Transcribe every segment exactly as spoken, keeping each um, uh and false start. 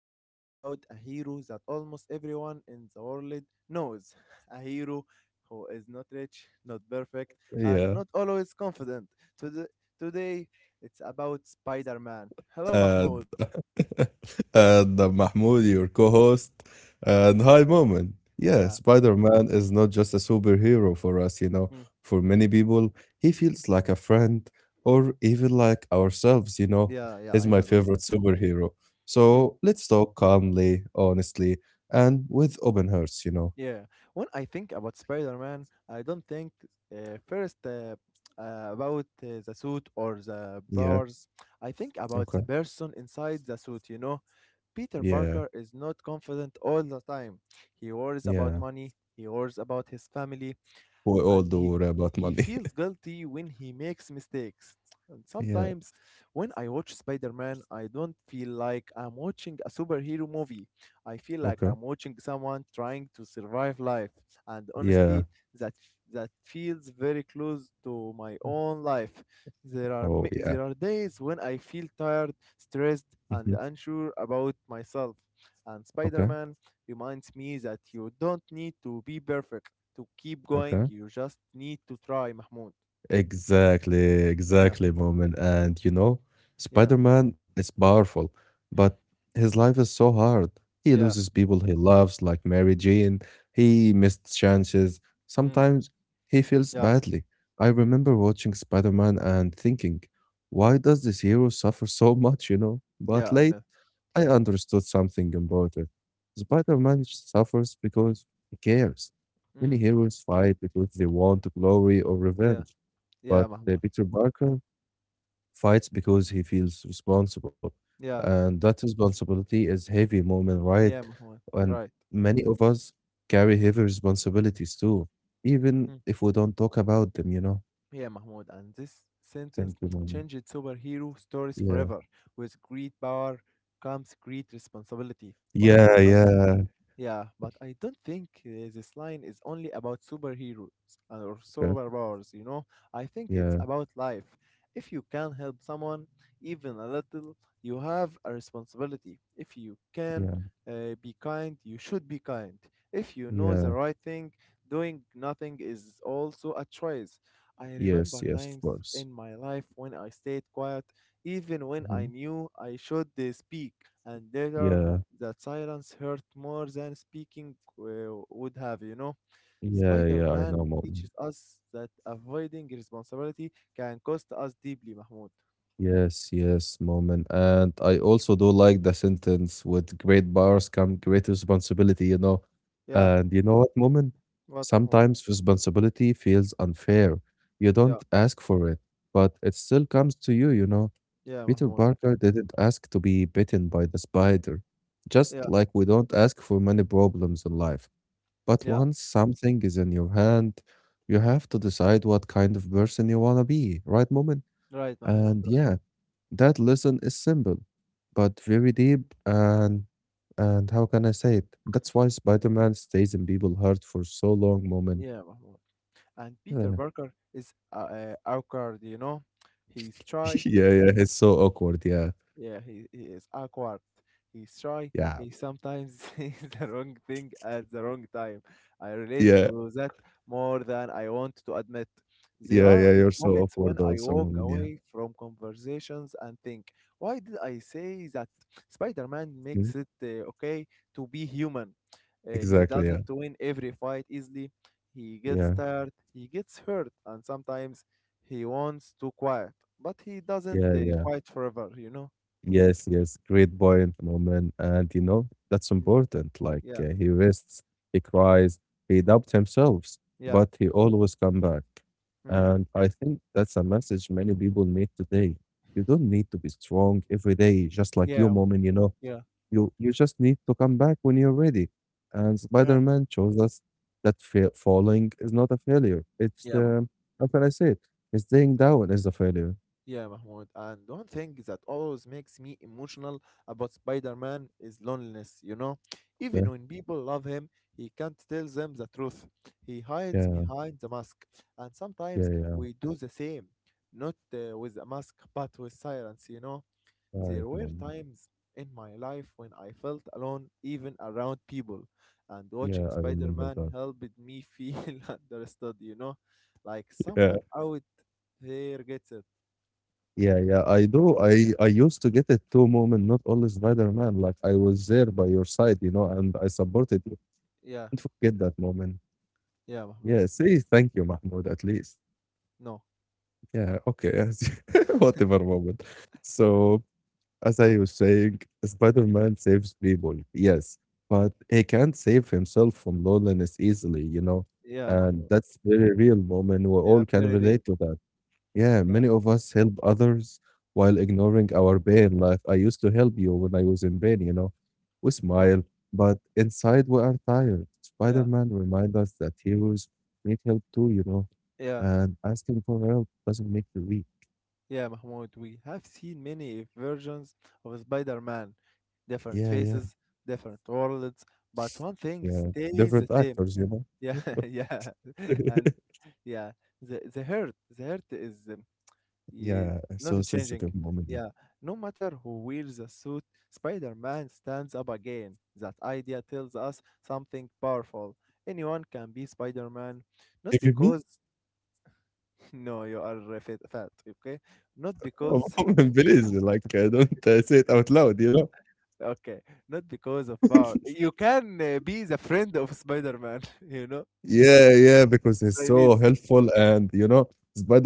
are talking about a hero that almost everyone in the world knows. A hero who is not rich, not perfect, and not Yeah. always confident. Today, today it's about Spider-Man. Hello Mahmoud. And and uh, Mahmoud, your co-host, and hi, Moment. Yeah, Yeah. Spider-Man is not just a superhero for us, you know. Mm. For many people, he feels like a friend or even like ourselves, you know. Yeah, yeah, He's I my know. favorite superhero. So let's talk calmly, honestly, and with open hearts, you know. Yeah, when I think about Spider-Man, I don't think uh, first uh, uh, about uh, the suit or the Yeah. powers. I think about Okay. the person inside the suit, you know. Peter Yeah. Parker is not confident all the time. He worries about Yeah. money, he worries about his family, We all and do he worry about he money. feels guilty when he makes mistakes. And yeah. sometimes when I watch Spider-Man, I don't feel like I'm watching a superhero movie. I feel like Okay. I'm watching someone trying to survive life. And Yeah. honestly, that that feels very close to my own life. There are Oh, ma- yeah. there are days when I feel tired, stressed, and Mhm. unsure about myself. And Okay. Spider-Man reminds me that you don't need to be perfect to keep going. Okay. You just need to try, Mahmoud. Exactly, Yeah, exactly, moment. And you know, yeah, Spider Man is powerful, but his life is so hard. He loses yeah, people he loves, like Mary Jane. He missed chances. mm, Sometimes he feels yeah, badly. I remember watching Spider Man and thinking, why does this hero suffer so much, you know? yeah, But I know. late, I understood something important. Spider Man suffers because he cares. Many Mm, heroes fight because they want glory or yeah, revenge, yeah, but uh, Mahmoud. Peter Parker fights because he feels responsible. Yeah, And that responsibility is heavy moment, right? yeah, Mahmoud. And Right. many of us carry heavy responsibilities too, even Mm, if we don't talk about them, you know? yeah, Mahmoud. And this sentence Thank you, Mom. changed superhero stories Yeah. forever. With great power comes great responsibility. But Yeah, I don't yeah. Yeah, but I don't think uh, this line is only about superheroes and- or Yeah, superpowers, you know? I think it's yeah, about life. If you can help someone, even a little, you have a responsibility. If you can yeah. uh, be kind, you should be kind. If you know the Yeah. right thing, doing nothing is also a choice. I Yes, remember yes, of times course. in my life when I stayed quiet, even when I Mhm. knew I should uh, speak, and later Yeah, that silence hurt more than speaking uh, would have, you know. yeah, Spider yeah, I Man know, Mom. teaches us that avoiding responsibility can cost us deeply, Mahmoud. Yes, yes, moment. And I also do like the sentence with great powers come great responsibility, you know. Yeah, And you know what, moment? what, Mahmoud? Sometimes responsibility feels unfair. You Yeah, don't ask for it, but it still comes to you, you know. yeah, Peter Mahmoud. Parker didn't ask to be bitten by the spider, just Yeah, like we don't ask for many problems in life. But yeah, once something is in your hand, you have to decide what kind of person you want to be, right, moment? right, Mahmoud. And Right. yeah. That lesson is simple, but very deep, and and how can I say it? That's why Spider-Man stays in people's heart for so long, moment. Yeah, Mahmoud. And Peter Yeah. Parker is uh, uh, awkward, you know. He's shy. yeah, yeah, it's so awkward. Yeah, Yeah, he, he is awkward. He's shy. yeah, He sometimes says the wrong thing at the wrong time. I relate yeah, to that more than I want to admit. There yeah, are yeah. i- You're so moments when awkward I also, walk moment. Yeah, away from conversations and think, why did I say that? Spider Man Mhm. makes it uh, okay to be human. Uh, he Exactly. Yeah, doesn't win every fight easily. He gets yeah, tired, he gets hurt, and sometimes he wants to quiet, but he doesn't yeah, uh, yeah. quiet forever, you know? Yes, yes, great point, Moment. And you know, that's Mm, important. Like yeah. uh, he rests, he cries, he Mm, doubts himself, yeah. but he always come back. Mm, And I think that's a message many people need today. You don't need to be strong every day, just like you, yeah. Mah-, Moment, you know. yeah. You you just need to come back when you're ready. And Yeah. Spider-Man shows us that fa- falling is not a failure. It's Yeah, Mahmoud. um, how can I say it? It's staying down is a failure. Yeah, Mahmoud. And one thing that always makes me emotional about Spider Man is loneliness, you know? Okay, Even when people love him, he can't tell them the truth. He hides yeah, behind the mask. And yeah, sometimes yeah. we do the same, not uh, with a mask, but with silence, you know? Right, There were Moment. times in my life when I felt alone, even around people, and Yeah, watching I Spider remember Man that. helped me feel understood, you know, like Yeah. someone out there gets it. Yeah, yeah, I do. I I used to get it too, Moment, not only Spider-Man. Like I was there by your side, you know, and I supported you. Yeah, Don't forget that moment. yeah, Mahmoud. Yeah, say thank you, Mahmoud, at least. No, Yeah, okay, yes. Whatever moment. So as I was saying, Spider-Man saves people, yes, but he can't save himself from loneliness easily, you know. yeah, And Mahmoud. that's very real moment. We Yeah, all can very real. relate to that. Yeah, Yeah, many of us help others while ignoring our pain. Like I used to help you when I was in pain, you know. We no, smile, but inside we are tired. yeah, Spider-Man reminds us that heroes need help too, you know. yeah, And asking for help doesn't make you weak. yeah, Mahmoud. We have seen many versions of Spider Man, different Yeah, yeah, faces, different worlds, but one thing yeah. stays the Different same. actors, you know. Yeah, yeah, and yeah, the the hurt, the hurt is um, ye-, Yeah, so not changing. sensitive moment. Yeah. Yeah, no matter who wears the suit, Spider-Man stands up again. That idea tells us something powerful. Anyone can be Spider-Man, not If you me, because no, you are uh, fit, fat, okay? Not oh, because please, like uh, don't uh, say it out loud, you know. okay, not because of power. You can uh, be the friend of Spider-Man, you know? Yeah, yeah, because he's so Chinese. helpful and you know,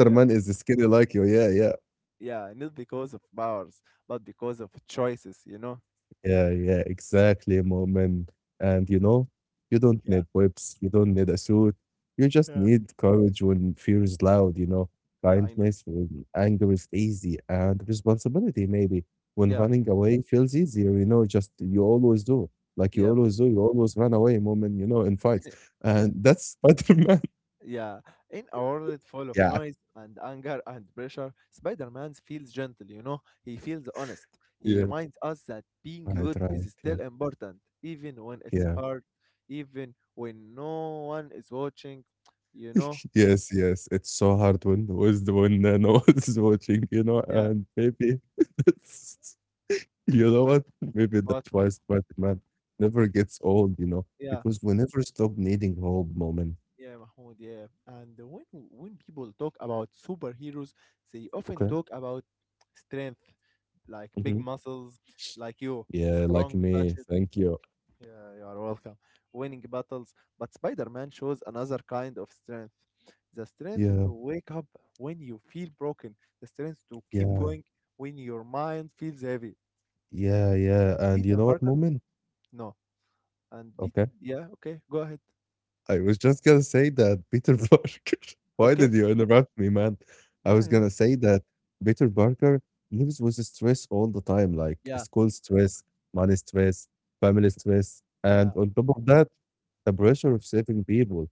Yeah. is skinny like you. Yeah, yeah. Yeah, not because of powers, but because of choices, you know? Yeah, yeah, exactly, Moomin. And you know, you don't Yeah. need whips, you don't need a suit. You just Yeah. need courage when fear is loud, you know, Yeah, I know. kindness when anger is easy, and responsibility maybe when Yeah, running away feels easier, you know, just you always do. Like you yeah, but- always do, you always run away, Moomin, you know, in fights. yeah, And that's Spider-Man. yeah. In a world full of Yeah. noise and anger and pressure, Spider Man feels gentle, you know? He feels honest. He Yeah. reminds us that being Right, good right. is Yeah. still important, even when it's Yeah. hard, even when no one is watching, you know? Yes, yes, it's so hard when was the when uh, no one's watching, you know, Yeah, and maybe that's you know what? Maybe but that's why Spider-Man never gets old, you know, yeah. because we never stop needing hope, moment. Yeah, Mahmoud, yeah. And when when people talk about superheroes, they often Okay. talk about strength, like big Hmm. muscles, like you, Yeah, like strong me. punches. Thank you. Yeah, you are welcome. Winning battles. But Spider-Man shows another kind of strength. The strength Yeah, to wake up when you feel broken. The strength to keep yeah, going when your mind feels heavy. yeah, yeah. And And you Peter know what, Parker, moment? no. And Pete, Okay. yeah, okay, go ahead. I was just gonna say that Peter Parker, why Okay? did you interrupt me, man? I Yeah, was yeah. gonna say that Peter Parker lives with stress all the time, like Yeah. school stress, money stress, family stress, and on top of that, the pressure of saving people.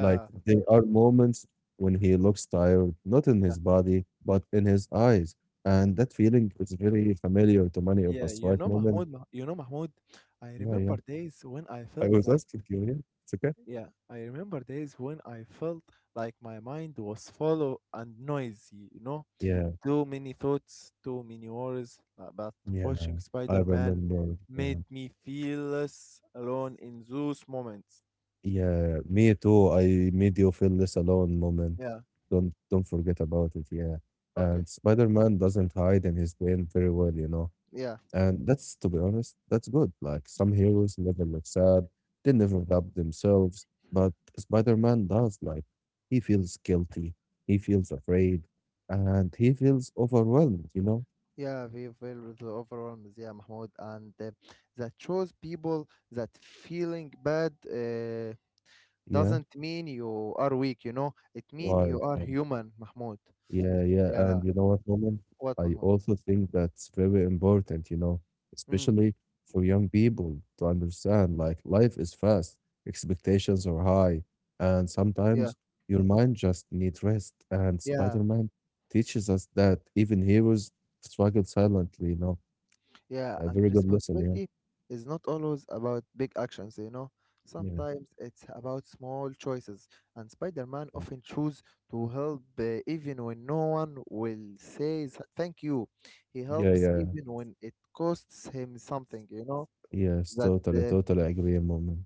Like there are moments when he looks tired, not in Yeah. his body, but in his eyes. And that feeling is very familiar to many of Yeah, us, you right, know, Moment? Mahmoud, Mah-, you know, Mahmoud, I Yeah, yeah. remember days when I I felt was like, asking you, yeah. It's okay. yeah, I remember days when I felt like my mind was full and noisy, you know, Yeah, too many thoughts, too many worries, uh, but yeah. watching I Spider-Man remember. Yeah. made me feel less alone in those moments. Yeah, me too. I made you feel less alone moment. Yeah, Don't don't forget about it, yeah. okay. And Spider-Man doesn't hide in his pain very well, you know. Yeah, And that's to be honest, that's good. Like some heroes never look sad, they never doubt themselves, but Spider-Man does like he feels guilty, he feels afraid, and he feels overwhelmed, you know? yeah, we feel with the overwhelmed, yeah, Mahmoud, and uh, that shows people that feeling bad. Uh, Yeah. doesn't mean you are weak, you know. It mean Right, you are right. human, Mahmoud. Yeah, yeah. Yeah, And you know what, Moment? what I Mahmoud? also think that's very important, you know, Mm, especially for young people to understand like life is fast, expectations are high, and yeah, sometimes your mind just needs rest. And yeah, Spider-Man teaches us that even heroes struggle silently, you know. yeah. A And very good lesson, yeah. responsibility is not always about big actions, you know. Yeah. Sometimes it's about small choices, and Spider-Man often choose to help uh, even when no one will say s- thank you. He Yeah, helps yeah. even when it costs him something, you know. Yes, That totally, uh, totally agree, Moment.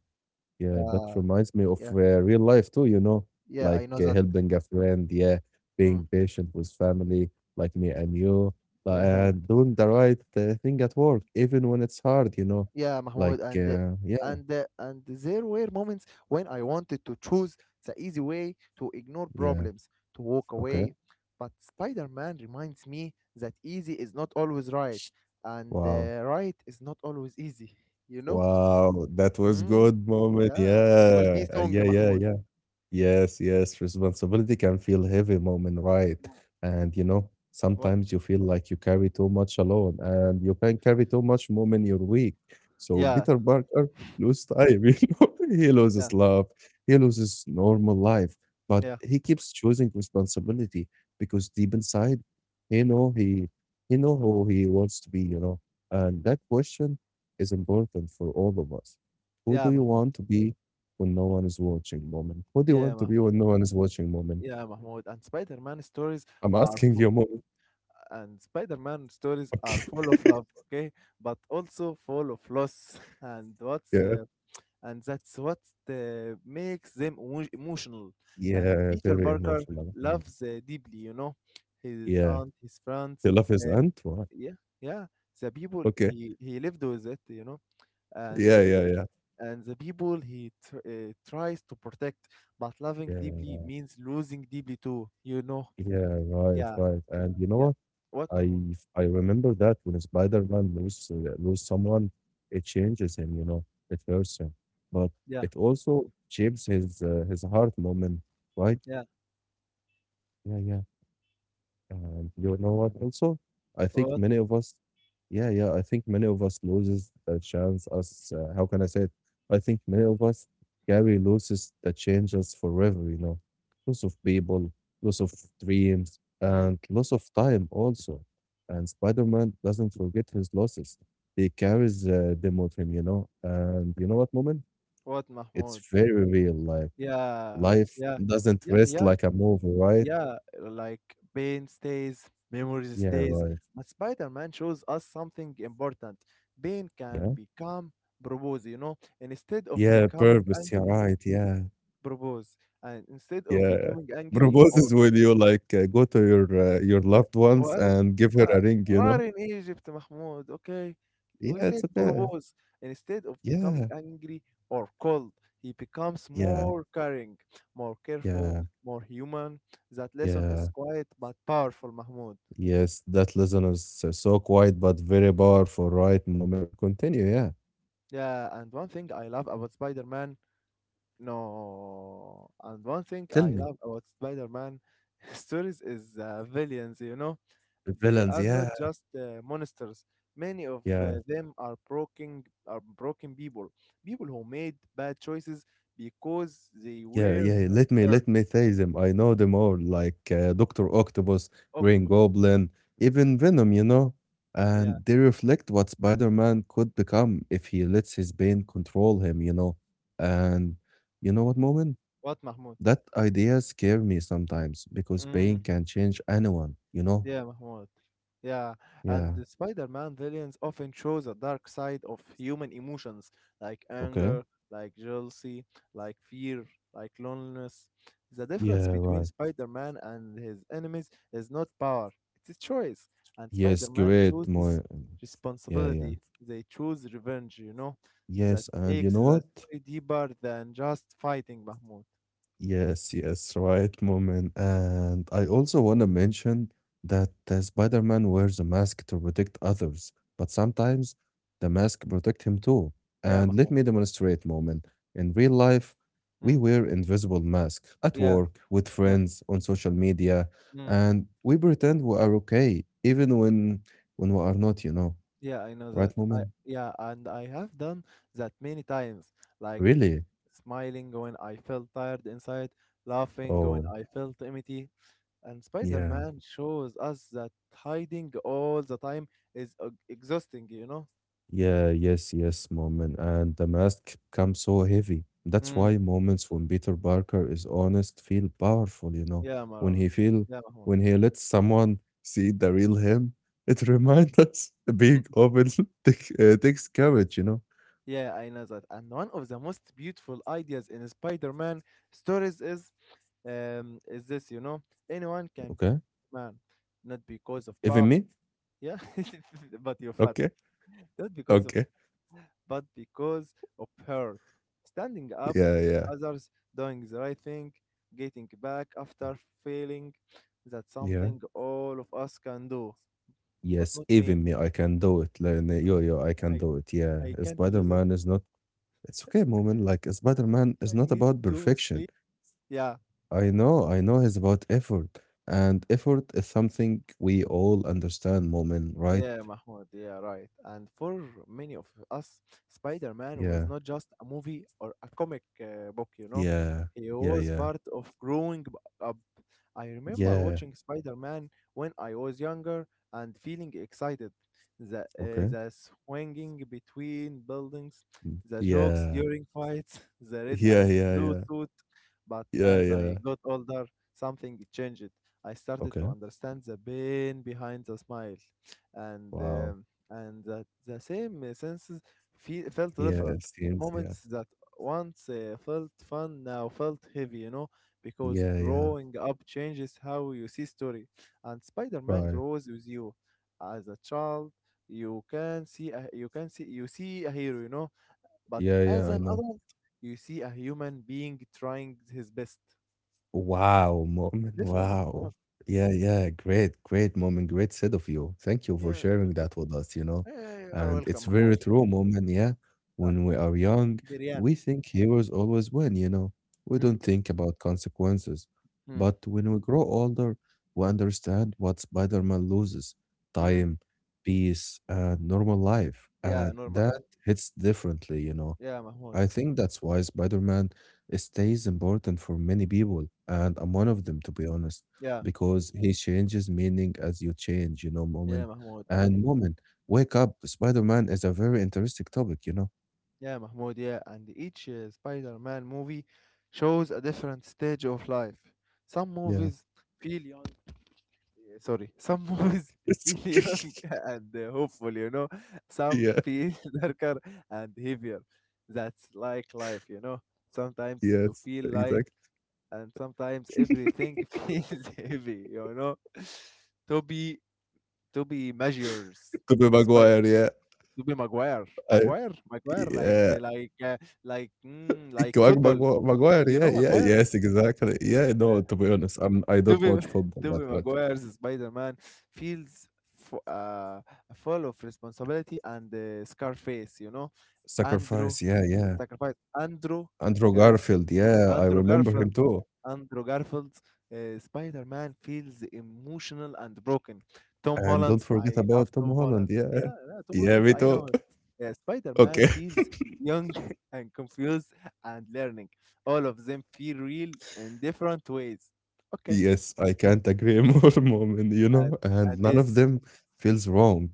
Yeah, that uh, reminds me of yeah, uh, real life too, you know, yeah, I like know uh, that. helping a friend, yeah, Mm, being patient with family like me and you, uh, yeah, and doing the right uh, thing at work, even when it's hard, you know. yeah, Like, Mahmoud, and the- uh, yeah, and the- and there were moments when I wanted to choose the easy way to ignore yeah, problems, to walk okay, away. But Spider-Man reminds me that easy is not always right, and wow, uh, right is not always easy. You know? wow, that was Mm, good moment, yeah, it will yeah, be uh, song, yeah, yeah, Mahmoud. yeah. Yes, yes, responsibility can feel heavy moment, right? Yeah. And you know, What? sometimes you feel like you carry too much alone and you can carry too much moment you're weak. So Yeah, Peter Parker loses time, you know, he yeah, loses love, he loses normal life, but yeah, he keeps choosing responsibility because deep inside, he know he he know who he wants to be, you know. And that question is important for all of us. Who yeah, do you Mahmoud. want to be when no one is watching moment? What do you Yeah, want to be Mahmoud. when no one is watching moment? Yeah, Mahmoud. And Spider-Man stories I'm are asking you, mom. and Spider-Man stories are Okay. full of love, okay, but also full of loss, and what's Yeah. uh, and that's what uh, makes them emo- emotional. And Yeah. Peter Very Parker emotional. Mm. loves uh, deeply, you know, his Yeah. aunt, his friends, The love his uh, aunt, what? yeah, yeah, the people Okay. he he lived with it, you know, and Yeah. the Yeah. people Yeah. and the people he tr- uh, tries to protect. But loving Yeah. deeply Yeah. means losing deeply too, you know. Yeah, right, Yeah, right. And you know yeah. what? What Mahmoud? I I remember that when Spider-Man lose uh, lose someone, it changes him. You know, it hurts him, but Yeah. it also shapes his uh, his heart moment. Right? Yeah. Yeah. Yeah. And you know what also? I think What? many of us yeah, yeah, I think many of us loses the chance us uh, how can I say it? I think many of us carry losses that change us forever, you know. Loss of people, loss of dreams, Mm, and loss of time also. And Spider-Man doesn't forget his losses. He carries uh, them with him, you know. And you know what, moment? what, Mahmoud? It's very real. Like Yeah, life yeah, doesn't yeah, rest yeah, like a movie, right? yeah. Like pain stays, memories Yeah, stays, right. but Spider-Man shows us something important. Pain can Yeah. become propose, you know, and instead of Yeah, becoming purpose. Yeah, angry, right. Yeah, propose, and instead of yeah. becoming angry or Proposes when you like uh, go to your uh, your و loved ones وقال and give و her a ring. You "Are know. in Egypt, Mahmoud, okay? Yeah, We it's said okay. propose. Instead of becoming Yeah, angry or cold, he becomes yeah, more caring, more careful, yeah, more human. That lesson is yeah. quiet but powerful, Mahmoud. Yes, that listener is uh, so quiet but very powerful. Right moment. Continue. Yeah. Yeah, and one thing I love about Spider-Man, no, and one thing Tell I me love about Spider-Man stories is uh, villains, you know? the They villains. are not Yeah, just uh, monsters. Many of yeah. uh, them are broken, are broken people, people who made bad choices because they Yeah, were yeah. Let me hurt. let me say them. I know them all, like uh, Doctor Octopus, Green Octopus. Goblin, even Venom. You know, Yeah. and they reflect what Spider-Man could become if he lets his pain control him. You know, and you know what, moment, What, Mahmoud? that idea scare me sometimes because pain can change anyone. You know. Yeah, Mahmoud. Yeah, and Yeah. the Spider-Man villains often shows a dark side of human emotions, like Okay. anger, like jealousy, like fear, like loneliness. The difference Yeah. between Right. Spider-Man and his enemies is not power, it's a choice. And Yes. Spider-Man Great. My. chooses Yeah. Yeah. responsibility. They choose revenge, you know? Yes. That And you know makes the what? story deeper than just fighting, Mahmoud. Yes, yes, right moment. And I also want to mention that uh, Spider-Man wears a mask to protect others, but sometimes the mask protect him too. Yeah, And let Mahmoud. me demonstrate moment. In real life, we Mm, wear invisible masks at yeah, work, with yeah, friends, on social media, mm. and we pretend we are okay, even when when we are not, you know. Yeah, I know that. Right I moment? yeah, and I have done that many times, like s- Really? smiling when I felt tired inside, laughing when Oh, I felt empty. And yeah. Spider-Man shows us that hiding all the time is e- exhausting, you know? Yeah, yes, yes, moment. And the mask becomes so heavy. That's Mm, why moments when Peter Parker is honest feel powerful, you know. yeah, When Mara. he feel Yeah, Mahmoud. when he lets someone see the real him, it reminds us being open take, uh, takes courage, you know. Yeah, I know that. And one of the most beautiful ideas in Spider-Man stories is um is this, you know, anyone can be Okay. man, not because of power. Even me? Yeah, but you're fat. Okay. Not because of, Okay. but because of hurt. Standing up, Yeah, yeah. others doing the right thing, getting back after failing. That's Yeah. something all of us can do, but Yes, not me. even me, I can do it. Like, n- yo, I, yo, I ca-, can I, do it. Yeah. I can't do that. Spider-Man is not it's okay, moment. Like Spider-Man is I not need about to perfection sleep. Yeah. I know, I know it's about effort, and effort is something we all understand, Moment, right? Yeah, Mahmoud, yeah, right. And for many of us, Spider Man was Yeah, not just a movie or a comic uh, book, you know. yeah, He yeah, was yeah, part of growing b- up. I remember yeah. watching Spider Man when I was younger and feeling excited. The, uh, Okay. the swinging between buildings, the jokes Yeah, during fights, the red yeah, and yeah, blue yeah, suit. But yeah, as yeah. I got older, something changed. I started Okay. to understand the pain behind the smile and Wow. um, and that the same senses feel, felt Yeah, it different. seems. Yeah, Moments that once uh, felt fun now felt heavy, you know, because yeah, yeah. growing up changes how you see story, and Spider-Man Right. grows with you. As a child, you can see a, you can see you see a hero, you know, but Yeah, yeah, as I an know. adult, you see a human being trying his best. Wow, It's moment. different, Mahmoud. Wow. Yeah, yeah. Great, great moment. Great said of you. Thank you for Yeah. sharing that with us, you know. Yeah, you are And welcome, it's Mahmoud. very true moment, yeah. Yeah, When we are young, Dirian. we think heroes always win, you know. We Mm, don't think about consequences. mm, But when we grow older, we understand what Spider-Man loses. mm. Time, peace, and normal life. Yeah, And normal life. that hits differently, you know. Yeah, Mahmoud. I think that's why Spider-Man stays important for many people, and I'm one of them, to be honest, Yeah, because he changes meaning as you change, you know, yeah, moment Mahmoud. And and moment. Wake up, Spider-Man is a very interesting topic, you know? yeah, Mahmoud. Yeah, and each uh, Spider-Man movie shows a different stage of life. Some Yeah. movies feel young. Eh, Sorry, some movies feel young and uh, hopeful. You know, some Yeah, feel darker and heavier. That's like life. You know, sometimes you yes, feel light exactly. and sometimes everything feels heavy, you know. To be to be measures. Tobey Maguire, yeah. to be Maguire, I, Maguire, Maguire, like yeah. the, like uh, like mm, like Maguire, football. Maguire, You, Maguire, you yeah, know yeah, Maguire. yes, exactly. Yeah, no, Yeah. to be honest, I'm, I To don't be watch football to that be much. Maguire's Spider-Man feels f- uh, full of responsibility and uh, Scarface. You know Andrew Sacrifice, yeah, yeah. sacrifice Andrew Andrew Garfield, yeah, I Andrew remember him Garfield. too. Andrew Garfield. Uh, Spider-Man feels emotional and broken. Tom And Holland. don't forget I love about Tom Tom Holland, Holland. yeah. Yeah, yeah, Tom Yeah, Holland. me I too. know him. Yeah, Spider-Man Okay. feels young and confused and learning. All of them feel real in different ways. Okay. Yes, I can't agree more, Moment, you And, know, and and none of this. them feels wrong.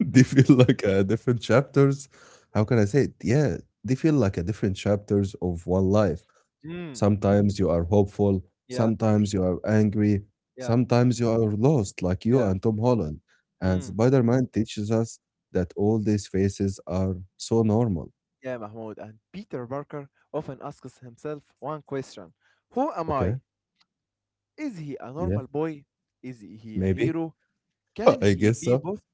They Mm, feel like uh, different chapters. How mm, can I say it? Yeah, they feel like a different chapters of one life. mm. Sometimes you are hopeful, Yeah, sometimes you are angry, yeah, sometimes you are lost, like you yeah. and Tom Holland. And Mm. Spider Man teaches us that all these faces are so normal. Yeah, Mahmoud. And Peter Parker often asks himself one question. Who am Okay? I? Is he a Yeah, normal boy? Is he a maybe. hero? Can I he guess be so. both?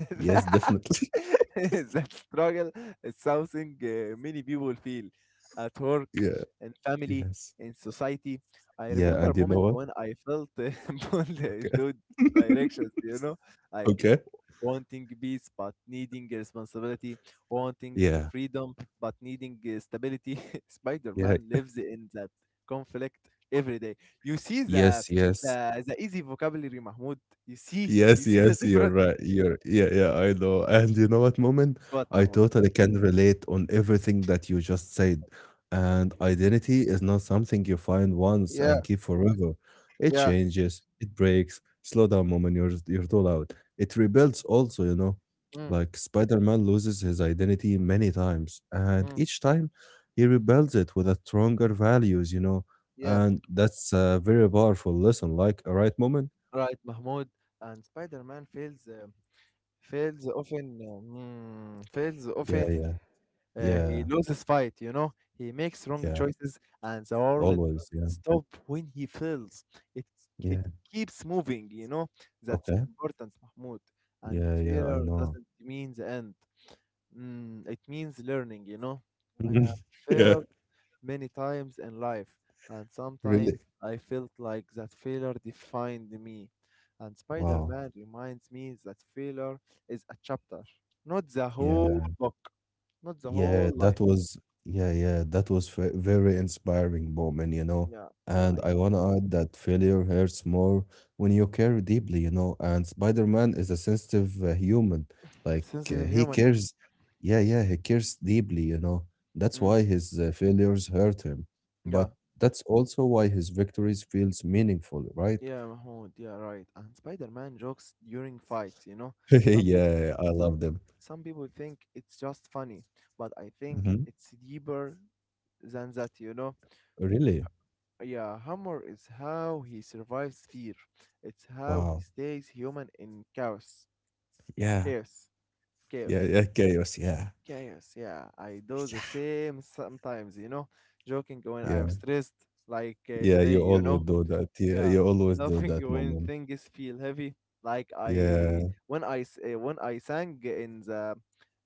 Yes, that definitely. that struggle is something uh, many people feel at work, Yeah, in family, yes. in society. I Yeah, remember and you know moments what? when I felt uh, pulled Okay. into directions, you know. I Okay. wanting peace but needing responsibility, wanting Yeah. freedom but needing uh, stability. Spider Yeah. Man lives in that conflict every day. You see the Yes, yes. the, the easy vocabulary, Mahmoud. You see, you Yes, see the yes, you're difference. right. You're yeah, yeah, I know. And you know what, Moment? What, I Mahmoud? totally can relate on everything that you just said. And identity is not something you find once and Yeah, keep forever. It yeah. changes, it breaks. Slow down, Moment, you're you're too loud. It rebuilds also, you know. Mm, Like Spider-Man loses his identity many times, and mm, each time he rebuilds it with a stronger values, you know. yeah. And that's a very powerful lesson, like, all right, Moment? Right, Mahmoud. And Spider Man fails. Uh, fails often. Uh, mm, fails Yeah, often. yeah. Uh, Yeah, He loses fight, you know. He makes wrong yeah, choices, and the world doesn't always, yeah, stop when he fails. It yeah, it keeps moving, you know. That's okay, important, Mahmoud. And yeah, yeah, I failure know. doesn't mean the end. Mm, it means learning, you know. I have yeah, failed many times in life, and really? sometimes I felt like that failure defined me. And Wow, Spider-Man reminds me that failure is a chapter, not the whole yeah. book, not the Yeah, whole that life. was yeah, yeah, that was ve- very inspiring moment, you know. Yeah, yeah, And I I know. want to add that failure hurts more when you care deeply, you know. And Spider-Man is a sensitive uh, human. Like uh, Sensitive he human, yeah. cares, yeah, yeah, he cares deeply, you know. That's why Mm, his uh, failures hurt him. yeah, But that's also why his victories feels meaningful, right? yeah, Mahmoud, yeah, right. And Spider-Man jokes during fights, you know. Some people, yeah, I some love them. some people think it's just funny, but I think Mhm. it's deeper than that, you know. Really? Yeah, humor is how he survives fear. It's how he Wow. stays human in chaos, Yeah, chaos, yeah, chaos, yeah, chaos. Yeah, chaos. Yeah, I do the yeah, same sometimes, you know, joking when I'm yeah. stressed, like uh, Yeah, today, you you always know. do that. Yeah, Yeah, you always do laughing that when moment. things feel heavy. Like I Yeah, when I s- uh, when I sang in the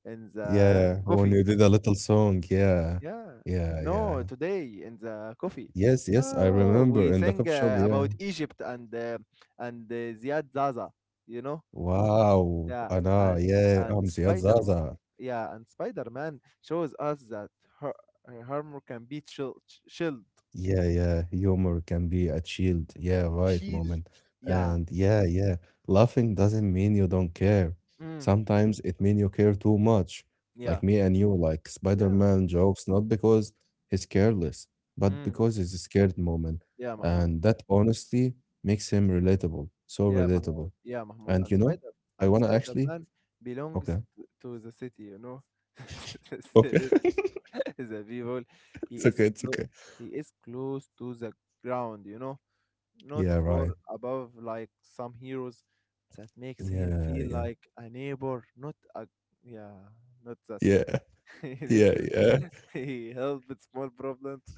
in the yeah. When coffee. you did a little song, yeah, Yeah, yeah, yeah. no, today in the coffee. Yes, yes, I Oh, remember we in the sang coffee shop. uh, Yeah. about Egypt and uh, and uh, Ziad Zaza. You know, Wow. yeah, Ana, and yeah. and I'm Ziad Spider, Zaza. yeah, and Spider Man shows us that her armor can be chill, shield, Yeah, yeah. Humor can be a shield. Yeah, right, shield. moment. Yeah, And yeah, yeah. Laughing doesn't mean you don't care. mm, Sometimes it means you care too much. yeah, Like me and you, like yeah, Spider-Man jokes, not because he's careless, but mm, because he's scared moment. yeah, Mahmoud. And that honestly makes him relatable. So Yeah, relatable. Mahmoud. Yeah, Mahmoud. And And you know, Spider I and wanna actually Spider-Man belongs okay. t- to the city, you know. There Okay. is the people. He it's is okay. It's clo okay. he is close to the ground, you know. Not Yeah, far right. above like some heroes. That makes him Yeah, feel yeah. like a neighbor, not a yeah, not that. Yeah. He Yeah. listens. Yeah. He helps small problems.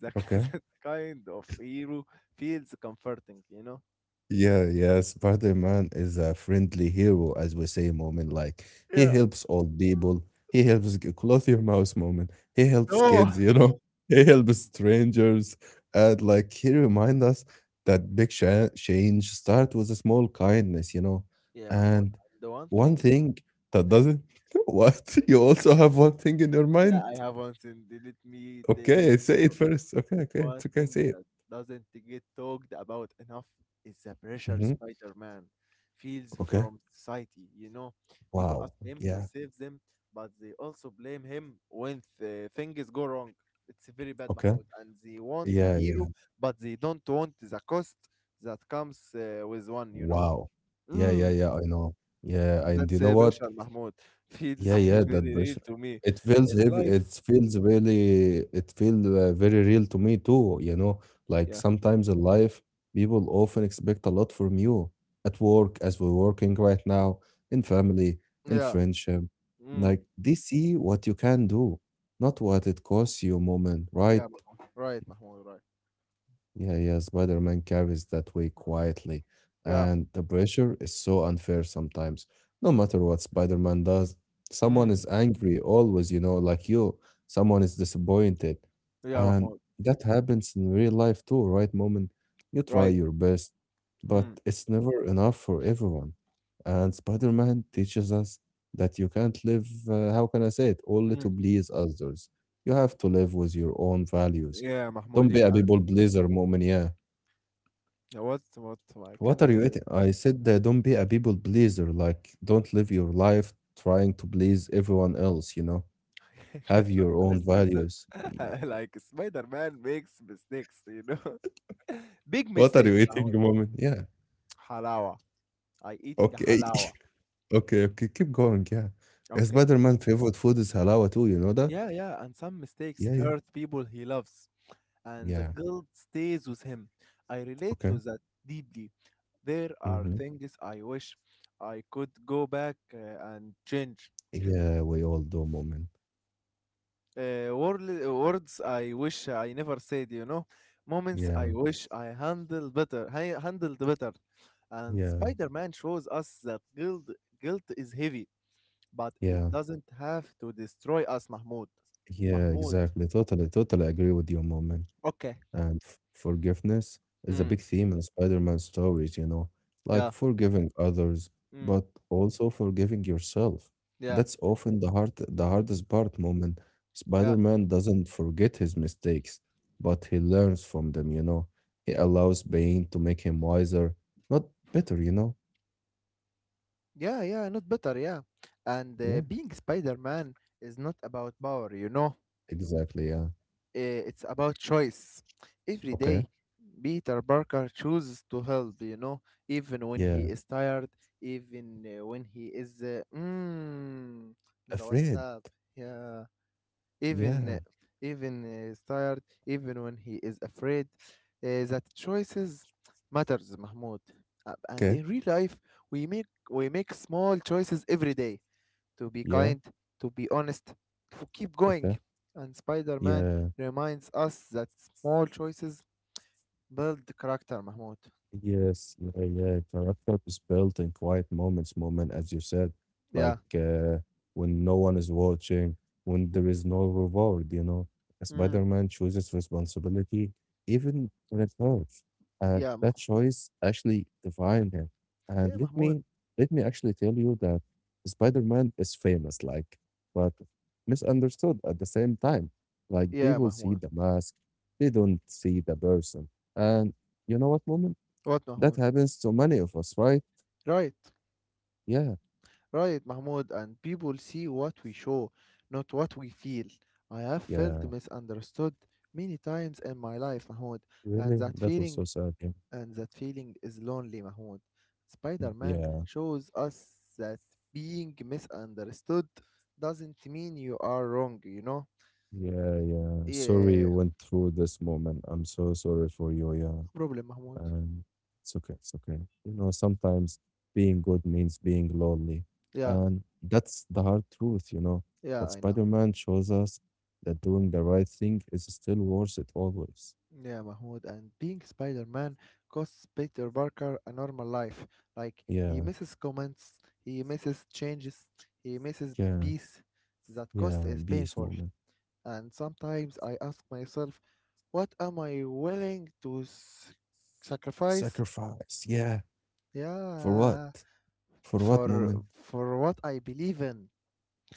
That, Okay. that kind of hero feels comforting, you know. Yeah, yeah. Spider-Man is a friendly hero, as we say, moment. Like Yeah. he Yeah. helps old people. He helps g- clothe your mouse moment. He helps No. kids, you know. He helps strangers. And like he remind us that big cha- change start with a small kindness, you know. Yeah, Mahmoud. And The one one thing, thing that doesn't what you also have one thing in your yeah, I mind. have one thing. They let me tell you. Okay, say it first. Okay, okay, One it's okay, thing say it. that doesn't get talked about enough is the pressure Hmm Spider-Man feels Okay. from society. You know, people Wow. ask him to Yeah. save them, but they also blame him when th- things go wrong. It's very bad, Okay. Mahmoud. And they want a Yeah, yeah. hero, but they don't want the cost that comes uh, with one. You know. Wow. Yeah, yeah, Mm. yeah, I know. Yeah, and you That's know uh, what? pressure, Mahmoud. Feels Yeah, yeah, very that real pressure. to me. It feels In heavy. It life, feels really, it feels uh, very real to me too, you know. Like yeah. sometimes in life, people often expect a lot from you at work, as we're working right now, in family, in Yeah. friendship. Mm. Like they see what you can do, not what it costs you moment, right? Yeah, Mahmoud. Right, Mahmoud. Right. Yeah, yeah, Spider-Man carries that way quietly, Yeah. and the pressure is so unfair sometimes. No matter what Spider-Man does, someone Mm. is angry always, you know, like you. Someone is disappointed. Yeah, And Mahmoud. that happens in real life too, right, Moment? You try Right. your best, but Mm. it's never enough for everyone. And Spider-Man teaches us that you can't live, uh, how can I say it, only Mm. to please others. You have to live with your own values Yeah, don't Mahmoud. be Yeah. a uh, people pleaser, Mu'min, yeah. Yeah. What? What? I What can't. are you Uh, eating? I said uh, don't be a people pleaser. Like, don't live your life trying to please everyone else, you know? I can't Have your own understand values. that. Like Spider-Man makes mistakes, you know, big What are you mistakes. eating, Mahmoud. Mu'min? Yeah. Halawa. I eating Okay. halawa. Okay, okay. Keep going, yeah. Uh, Okay. Spider-Man favorite food is halawa too, you know that? Yeah, yeah. And some Yeah, mistakes yeah. hurt people he loves, and the Yeah. guilt stays with him. I relate Okay. to that deeply. There are hmm things I wish I could go back uh, and change. Yeah, we all do, Mu'min. Uh, worl- words I wish I never said, you know. Moments I Yeah, wish I handled better. I handled better. And yeah, Spider-Man shows us that guilt guilt is heavy, but it yeah. doesn't have to destroy us, Mahmoud. Yeah, Mahmoud. exactly. Totally, totally agree with you, Mu'min. Okay. And f- forgiveness is a Mm, big theme in Spider-Man stories, you know, like yeah. forgiving others, Mm, but also forgiving yourself. yeah. That's often the hard, the hardest part moment. Yeah. Spider-Man doesn't forget his mistakes, but he learns from them, you know. He allows pain to make him wiser, not better, you know. Yeah, yeah, not better, yeah. And uh, Yeah, being Spider Man is not about power, you know. exactly. Yeah. Uh, it's about choice. Every Okay. day, Peter Parker chooses to help, you know, even when he Yeah. is tired, even uh, when he is. Uh, mm, the Afraid. WhatsApp, yeah. Even Yeah. uh, even uh, is tired, even when he is afraid. Uh, that choices matters, Mahmoud. Uh, and Okay. in real life, we make we make small choices every day to be Yeah. kind, to be honest, to keep going. Okay. And Spider Man Yeah. reminds us that small choices build character, Mahmoud. Yes, yeah, yeah. Character is built in quiet moments, moment, as you said, Yeah. like uh, when no one is watching, when there is no reward, you know. Mm. Spider-Man chooses responsibility, even when it hurts. And Yeah. Ma- that choice actually defined him. And yeah, let Mahmoud. me let me actually tell you that Spider-Man is famous, like, but misunderstood at the same time. Like Yeah, people see Mahmoud. the mask, they don't see the person. And you know what, moment? What, That Mahmoud? happens to many of us, right? Right. Yeah, Right, Mahmoud. And people see what we show, not what we feel. I have felt yeah. misunderstood many times in my life, Mahmoud. And Really? that That was feeling so sad. Yeah, and that feeling is lonely, Mahmoud. Spider Man yeah, shows us that being misunderstood doesn't mean you are wrong, you know? yeah. yeah. Sorry you Yeah, went through this moment. I'm so sorry for you. Yeah. problem, Mahmoud. And it's okay. It's okay. You know, sometimes being good means being lonely. Yeah, And that's the hard truth, you know. yeah, But I know. Spider Man shows us that doing the right thing is still worth it always. Yeah, Mahmoud. And being Spider Man costs Peter Parker a normal life. Like, he Yeah, misses comments, he misses changes, he misses yeah, peace. That yeah. cost is Beast painful. moment. And sometimes I ask myself what am I willing to s- sacrifice? Sacrifice. Yeah. For Yeah, what? For what for moment? for what I believe in.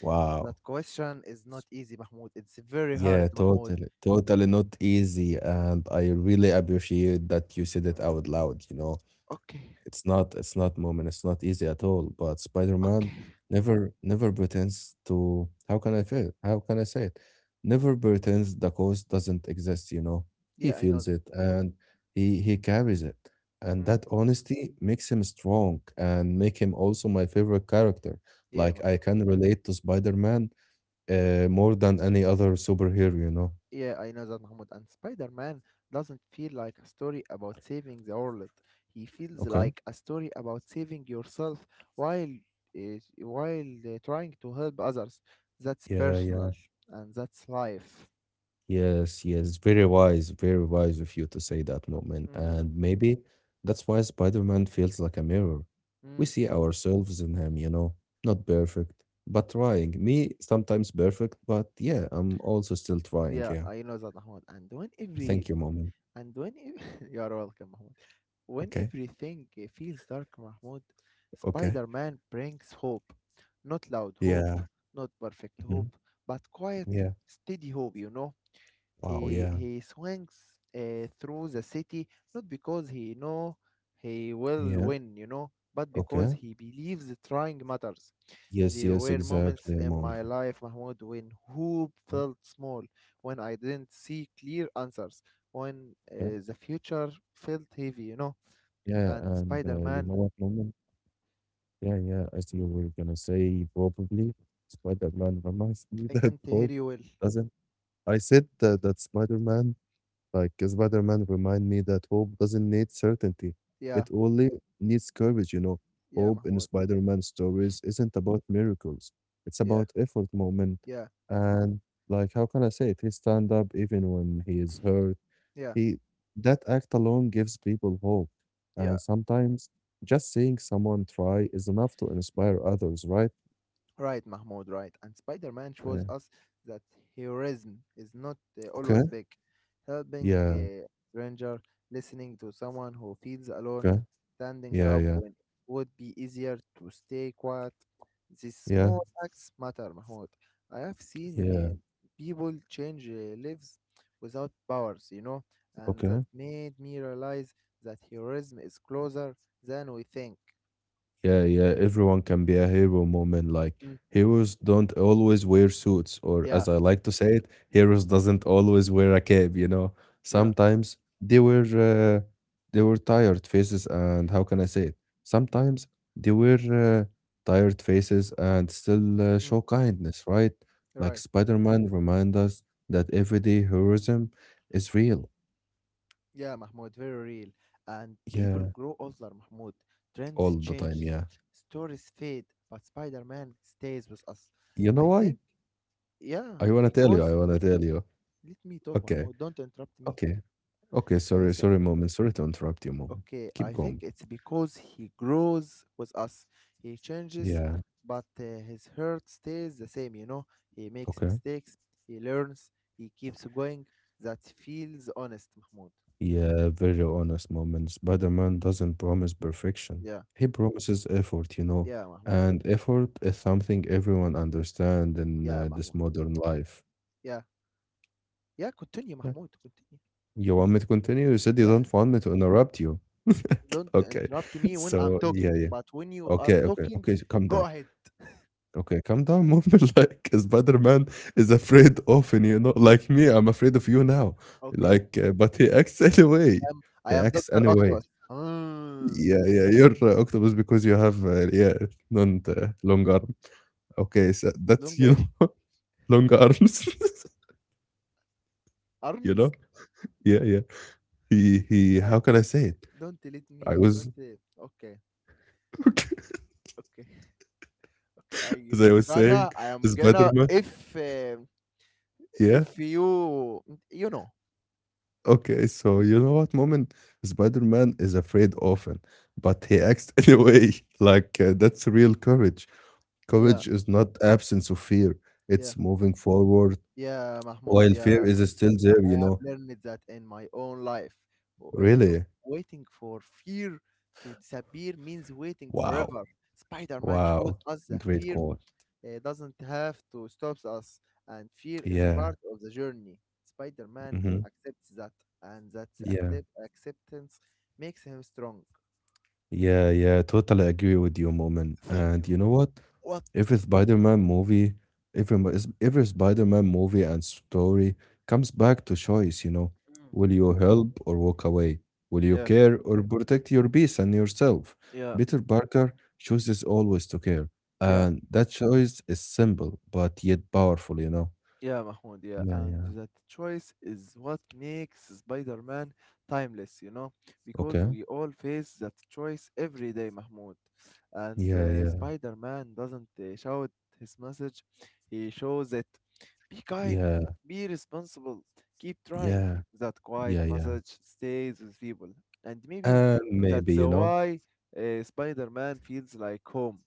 Wow. That question is not easy, Mahmoud. It's very Yeah, hard, Mahmoud. totally, totally not easy. And I really appreciate that you said it Mm, out loud, you know. okay, It's not it's not moment, it's not easy at all. But Spider-Man okay. never never pretends to how can I feel? How can I say it? Never pretends the cause doesn't exist, you know. He Yeah, I know. feels That. it and he he carries it. And Mm, that honesty makes him strong and make him also my favorite character. yeah, Like I Mahmoud. can relate to Spider-Man uh, more than any other superhero, you know. Yeah, I know that, Mahmoud. And Spider-Man doesn't feel like a story about saving the world. He feels Okay. like a story about saving yourself while uh, while uh, trying to help others. That's Yeah, personal yeah. and that's life. Yes, yes. Very wise, very wise of you to say that, Mu'min. And Mm, maybe that's why Spider-Man feels like a mirror. We mm. see ourselves in him, you know. Not perfect, but trying. Me, sometimes perfect, but yeah, I'm also still trying. Yeah, Yeah. I know that, Mahmoud. And when every Thank you, Mu'min. and when ev- You are welcome, Mahmoud. When Okay, everything uh, feels dark, Mahmoud, okay. Spider-Man brings hope. Not loud hope, Yeah. not perfect hope, mhm, but quiet, Yeah. steady hope. You know, Wow, he yeah. he swings uh, through the city not because he know he will Yeah. win, you know, but because Okay. he believes trying matters. Yes, There yes, were exactly, moments in Mu'min. my life, Mahmoud, when hope Yeah, felt small, when I didn't see clear answers, when Okay. uh, the future felt heavy, you know. Yeah, And and Spider uh, you know Man, what, Mu'min? Yeah, yeah, I see what you're gonna say probably. Spider-Man reminds me I that can't hear hope you well. doesn't. I said that, that Spider-Man, like uh, Spider-Man, remind me that hope doesn't need certainty. Yeah, It only needs courage, you know. yeah, Hope in Mahmoud. Spider-Man stories isn't about miracles. It's Yeah, about effort moment. yeah, And like, how can I say it? He stand up even when he is hurt. yeah, He, that act alone gives people hope. yeah. And sometimes just seeing someone try is enough to inspire others, right? Right, Mahmoud, right. And Spider Man Uh, shows us that heroism is not uh, Okay. always big. Helping yeah. a stranger, listening to someone who feels alone, Okay. standing Yeah. up Yeah. when it would be easier to stay quiet. These Yeah. small acts matter, Mahmoud. I have seen Yeah. uh, people change uh, lives without powers, you know, and that Okay. made me realize that heroism is closer than we think. Yeah, yeah, everyone can be a hero moment. Like Mm, heroes don't always wear suits, or yeah, as I like to say it, heroes doesn't always wear a cape, you know. yeah, Sometimes they were uh, they were tired faces and how can I say it? Sometimes they were uh, tired faces and still uh, mm, show kindness, right? Like right. Spider-Man remind us that everyday heroism is real. Yeah, Mahmoud, very real. And people Yeah, grow older, Mahmoud. Trends all the change, time, yeah. stories fade, but Spider Man stays with us. You know I why? think, yeah, I wanna tell you, because I wanna tell you. let me talk, Okay. Mahmoud. Don't interrupt me. Okay. Okay, I sorry, say, sorry, moment. Sorry to interrupt you, moment. okay, I Keep think going. it's because he grows with us. He changes, Yeah, but uh, his heart stays the same, you know. He makes okay. mistakes, he learns, he keeps going. That feels honest, Mahmoud. Yeah, very honest moment. Spider-Man doesn't promise perfection. Yeah, He promises effort, you know, yeah, Mahmoud. and effort is something everyone understands in Yeah, uh, this Mahmoud. modern life. Yeah. Yeah, continue, Yeah. Mahmoud. Continue. You want me to continue? You said you Yeah, don't want me to interrupt you. don't Okay. interrupt me when I'm So, talking. yeah, yeah. But when you are Okay, okay, talking, okay. So calm go down. ahead. Okay, calm down, Mu'min. Like Spider-Man is afraid often, you know, like me, I'm afraid of you now. Okay. Like, uh, but he acts anyway. I am, I He am acts doctor anyway. Octopus. Hmm. Yeah, yeah, you're uh, octopus because you have uh, yeah, not uh, long arm. Okay, so that's Long you eh? know, long arms. you know, Arms? yeah, yeah. He he. I How can I say it? don't let I me. was Don't. Eh, Okay. Okay. Okay. I as I am was saying, gonna. I am gonna. Spider-Man. If uh, Yeah, If you you know. okay, so You, you know what moment Spider-Man is afraid often, but he acts anyway. Like uh, that's real courage. yeah. Courage is not absence of fear; Yeah. it's moving forward Yeah, Mahmoud, while fear yeah. is Yeah, still there. I You have know, learned that in my own life. W- uh, really. Waiting for fear to disappear means waiting Wow, forever. Spider-Man shows wow, us that great fear call. uh, doesn't have to stop us, and fear is Yeah, part of the journey. Spider-Man hmm, accepts that, and that yeah. accept acceptance makes him strong. Yeah, yeah, totally agree with you, Moment. Thank And you. you know what? What? Every Spider-Man movie, every mo- is- every Spider-Man movie and story comes back to choice, you know. Mm. Will you help or walk away? Will you Yeah, care or protect your peace and yourself? yeah, Peter Parker chooses always to care, yeah. and that choice is simple but yet powerful, you know. Yeah, Mahmoud, yeah, Yeah, and yeah. that choice is what makes Spider-Man timeless, you know, because Okay. we all face that choice every day, Mahmoud. And Yeah, uh, yeah, Spider-Man doesn't uh, shout his message, he shows it. Be kind, yeah, be responsible, keep trying. yeah, That quiet yeah, yeah. message stays with people. And maybe And maybe, that's you know. why uh, Spider-Man feels like home.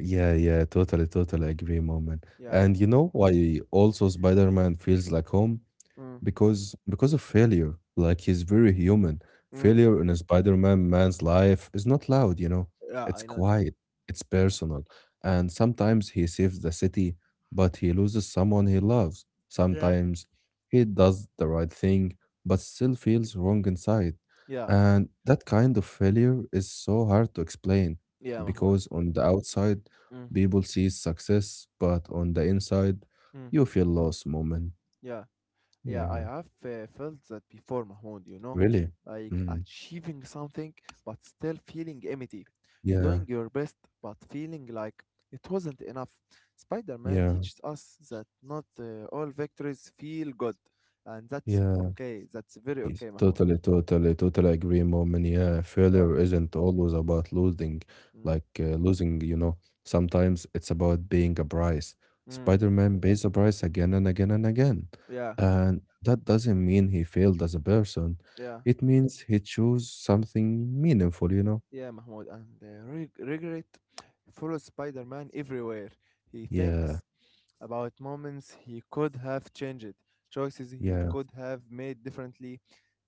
Yeah, yeah, totally, totally agree, moment. Yeah, And Mahmoud. you know why also Spider-Man feels like home? Mm, Because because of failure, like he's very human. mm. Failure in a spider-man man's life is not loud you know Yeah, It's I know that. quiet, it's Yeah. personal, and sometimes he saves the city but he loses someone he loves Yeah. sometimes. He does the right thing but still feels wrong inside, Yeah. and that kind of failure is so hard to explain Yeah, Mahmoud. because on the outside Mm, people see success, but on the inside mm, you feel lost, moment, yeah, yeah, I yeah. have uh, felt that before, Mahmoud, you know, Really? like Mm. achieving something but still feeling empty, doing Yeah. your best but feeling like it wasn't enough. Spider Man Yeah. teaches us that not uh, all victories feel good, and that's Yeah. okay, that's very Yes. okay, Mahmoud. Totally, totally, totally agree, Mom. Yeah, Yeah, failure isn't always about losing, mm, like uh, losing, you know, sometimes it's about being a price. mm, Spider-Man pays a price again and again and again. yeah, And that doesn't mean he failed as a person. yeah, It means he chose something meaningful, you know? yeah, Mahmoud, and uh, reg- regret follows Spider Man everywhere. He Yeah. thinks about moments he could have changed, choices he Yeah. could have made differently.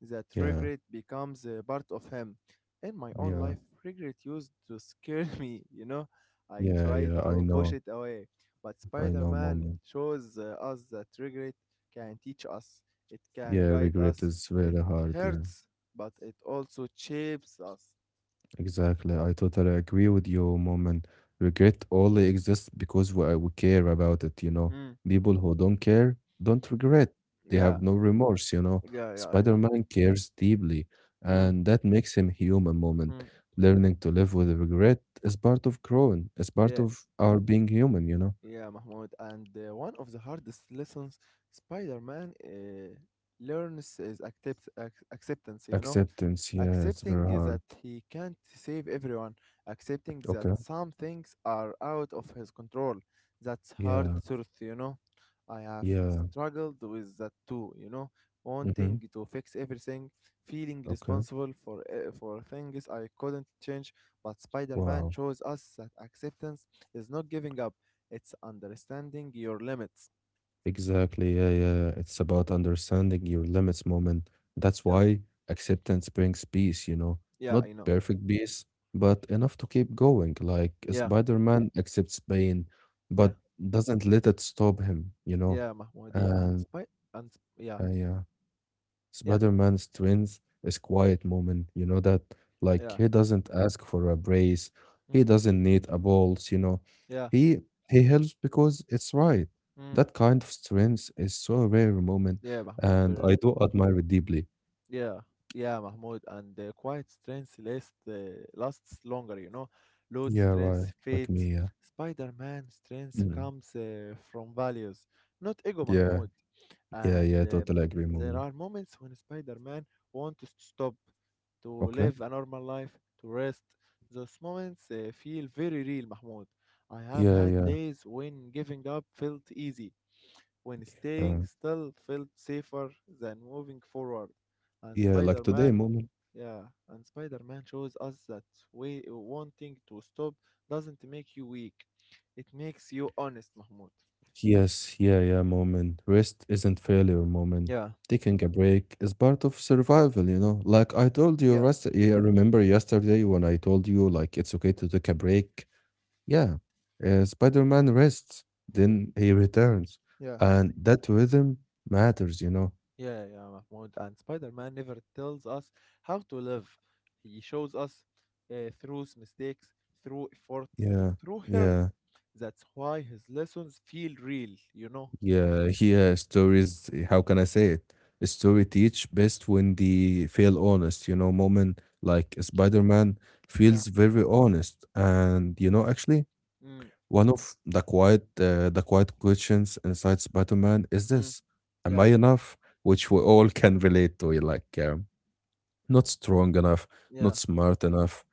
That Yeah. regret becomes a part of him. In my own Yeah. life, regret used to scare me, you know. I Yeah. tried Yeah. I to push know. it away, but I Spider know, Man Mom. shows uh, us that regret can teach us, it can Yeah, guide regret us, is it very hard. Yeah. hurts, but it also shapes us. Exactly. I totally agree with you, Mom. And regret only exists because we, we care about it, you know. Mm, People who don't care don't regret. They yeah, have no remorse, you know. yeah, yeah, I know. Spider-Man cares deeply, Mm, and that makes him human, Moment. mm, Learning to live with regret is part of growing. It's part yeah. of our being human, you know. Yeah, Mahmoud. And uh, one of the hardest lessons Spider Man uh, learns is accept- ac- acceptance, you know? Acceptance, yeah, it's Accepting very that hard. he can't save everyone, accepting that Okay. some things are out of his control. That's hard Yeah. truth, you know. I have Yeah. struggled with that too, you know, Mm-hmm. wanting to fix everything, feeling Okay. responsible for e- for things I couldn't change. But Spider-Man Wow. shows us that acceptance is not giving up; it's understanding your limits. Exactly. Yeah, yeah. It's about understanding your limits, moment. That's Yeah, why acceptance brings peace, you know. yeah, Not I know. perfect peace, but enough to keep going. Like Yeah, Spider-Man accepts pain, yeah, but doesn't let it stop him, you know. yeah, Mahmoud. Yeah, and And Spy, and yeah, uh, yeah. yeah, Spider-Man's twins is quiet moment, you know that? Like yeah. he doesn't ask for a brace, Mm. he doesn't need a balls, you know. Yeah. He he helps because it's right. Mm. That kind of strength is so rare, moment, Yeah, Mahmoud. and Very, I do admire it deeply. yeah. Yeah, Mahmoud. And the quiet strength lasts uh, lasts longer, you know. Load Yeah, right. strength Like fades. me, yeah. Spider Man strength Mm. comes uh, from values, not ego, Yeah, Mahmoud. yeah, And yeah, uh, totally agree, there moment. are moments when Spider Man wants to stop, to Okay. live a normal life, to rest. Those moments uh, feel very real, Mahmoud. I have Yeah, had yeah. days when giving up felt easy, when Uh, staying still felt safer than moving forward. And yeah, like Spider today, Man, moment. yeah, and Spider Man shows us that way wanting to stop doesn't make you weak, it makes you honest, Mahmoud. Yes, yeah, yeah, moment. Rest isn't failure, moment. Yeah, Taking a break is part of survival, you know. Like I told you, yeah, rest. Yeah, remember yesterday when I told you like it's okay to take a break? Yeah. Uh, Spider-Man rests, then he returns, yeah. and that rhythm matters, you know. Yeah, yeah, Mahmoud. And Spider Man never tells us how to live. He shows us uh, through his mistakes, through effort, Yeah, through hurt. yeah. That's why his lessons feel real, you know? Yeah, here stories, how can I say it? A story teach best when they feel honest. You know, moment, like Spider-Man Yeah. feels very honest. And you know, actually, Mm, one of the quiet uh, the quiet questions inside Spider-Man is mm, this, am yeah, I enough? Which we all can relate to, like um, not strong enough, yeah. not smart enough,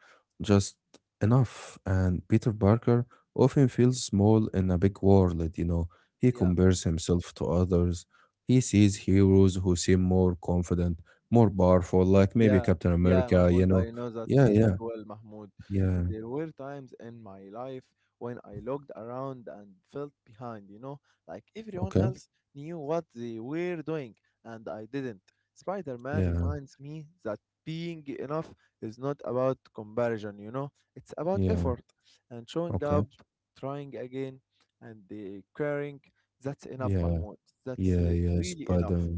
just enough. And Peter Parker often feels small in a big world, you know. He Yeah, compares himself to others. He sees heroes who seem more confident, more powerful, like maybe yeah, Captain yeah, America, you Mahmoud. know. I know that Yeah, feeling yeah, well, Mahmoud. yeah. There were times in my life when I looked around and felt behind, you know, like everyone Okay. else knew what they were doing and I didn't. Spider Man Yeah, reminds me that being enough is not about comparison, you know, it's about yeah. effort and showing up, Okay. trying again, and uh, caring. That's enough, Yeah. Mahmoud. That's Yeah, uh, yeah, really Spider. enough.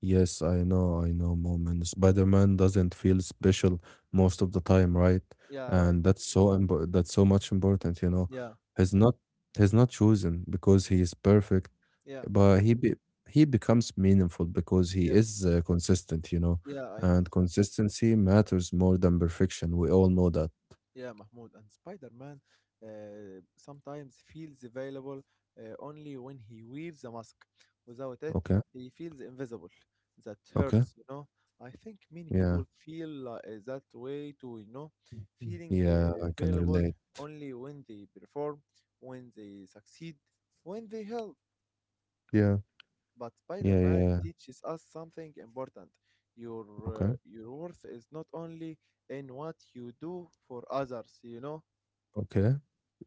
Yes, I know, I know, Moment. Spider-Man doesn't feel special most of the time, right? Yeah, right. And that's so impo- that's so much important, you know. Yeah, He's not he's not chosen because he is perfect, yeah. but he be he becomes meaningful because he Yeah. is uh, consistent, you know. Yeah, I know. And that. consistency matters more than perfection. We all know that. Yeah, Mahmoud, and Spider-Man uh, sometimes feels available uh, only when he wears a mask. Without it, Okay, he feels invisible. That okay, hurts, you know. I think many yeah, people feel uh, that way too, you know, feeling yeah, uh, I can available relate. only when they perform, when they succeed, when they help. Yeah, But yeah, Spider-Man yeah. teaches us something important. Your uh, Okay, your worth is not only in what you do for others, you know? okay.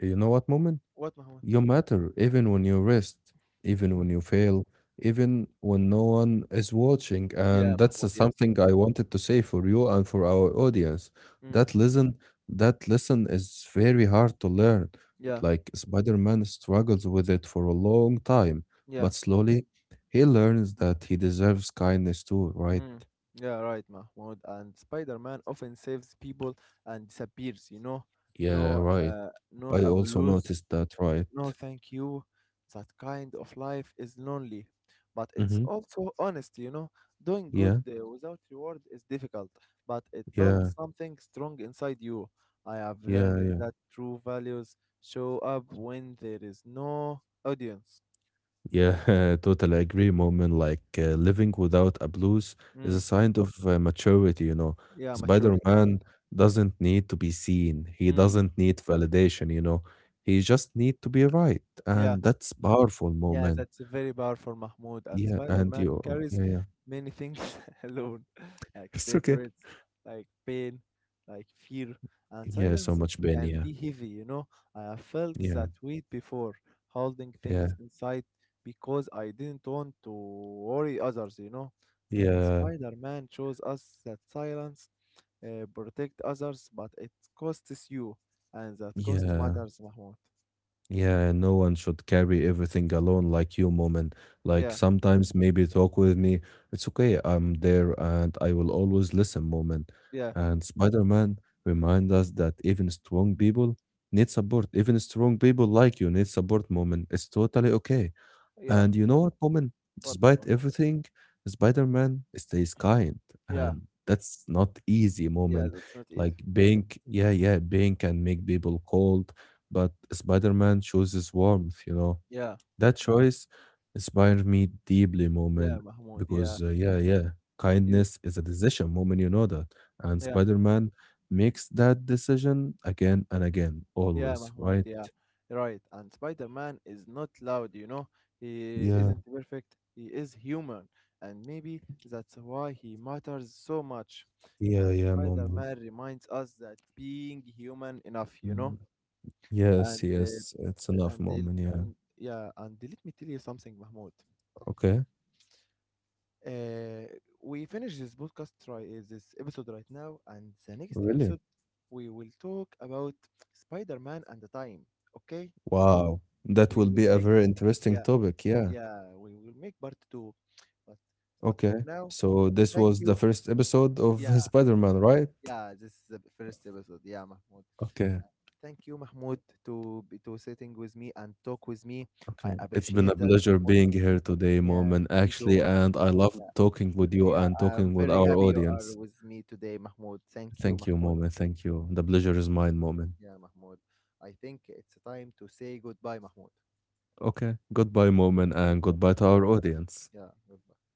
You know what, Moment? What, Mahmoud? You matter even when you rest, even Mm. when you fail, even when no one is watching. Yeah, And that's uh, Mahmoud, yes. something I wanted to say for you and for our audience. Mm, That listen, that lesson is very hard to learn. yeah, Like Spider-Man struggles with it for a long time, yeah, but slowly he learns that he deserves kindness too, right? mm, yeah, right, Mahmoud. And Spider-Man often saves people and disappears, you know? Yeah, No, right. uh, no I also abuse. noticed that, right? No, thank you. That kind of life is lonely, but it's Mm-hmm. also honest, you know. Doing good Yeah, uh, without reward is difficult, but it yeah, builds something strong inside you. I have yeah, learned yeah. that true values show up when there is no audience. Yeah, totally agree, Moment. Like uh, living without a blues is a Mm, sign of uh, maturity, you know. yeah, maturity. Spider-Man doesn't need to be seen. He Mm, doesn't need validation, you know. He just need to be right, yeah. and that's powerful, Yeah, Moment. that's very powerful, Mahmoud. And Yeah, and Spider-Man you, carries yeah, yeah. many things alone, like It's okay. secrets, like pain, like fear, and Yeah, so silence much Ben. can Yeah, be heavy, you know. I have felt yeah, that weight before, holding yeah, things inside because I didn't want to worry others, you know. And yeah, Spider-Man shows us that silence uh, protect others, but it costs you, and that cost yeah. matters, Mahmoud. Yeah, no one should carry everything alone like you, Moment. Like Yeah, sometimes maybe talk with me. It's okay, I'm there and I will always listen, Moment. yeah, And Spider-Man remind us that even strong people need support. Even strong people like you need support, Moment. It's totally okay. yeah. And you know what, woman? What, Despite Mahmoud? everything, Spider-Man stays kind, Yeah. and that's not easy, Yeah, woman. that's not easy. Like being, yeah, yeah, being can make people cold, but Spider-Man chooses warmth. You know Yeah, that choice inspired me deeply, yeah, woman, Mahmoud. because Yeah, uh, yeah, yeah, yeah, kindness is a decision, woman. You know that, and yeah, Spider-Man makes that decision again and again, yeah, always, Mahmoud. right? Yeah, right. And Spider Man is not loud, you know. He Yeah, isn't perfect. He is human, and maybe that's why he matters so much. yeah, And yeah, Spider moment. Man reminds us that being human enough, you know. Yes, And uh, yes, it's a love and they- moment, yeah. and yeah, and let me tell you something, Mahmoud. Okay, Uh, we finish this podcast try uh, this episode right now, and the next really? episode we will talk about Spider-Man and the time. Okay, Wow, that we will will be a make, very interesting yeah topic, yeah. yeah we will make part two, but but Okay, for now, so this was thank the you. first episode of Yeah Spider-Man, right? yeah this is the first episode. Yeah, Mahmoud. Okay, Uh, thank you, Mahmoud, to be to sitting with me and talk with me. I okay. It's been a appreciate that, pleasure Mahmoud. being here today, Yeah, Moment, me too. actually, Mah- and I love Yeah, talking with you yeah, and I'm talking with very our happy you are audience. with me today, Mahmoud. Thank you, Thank you, Mahmoud. Moment. Thank you. The Thank pleasure is mine, Moment. yeah, Mahmoud. I think it's time to say goodbye, Mahmoud. Okay, goodbye, Moment, and Goodbye. goodbye to our audience. Yeah, goodbye.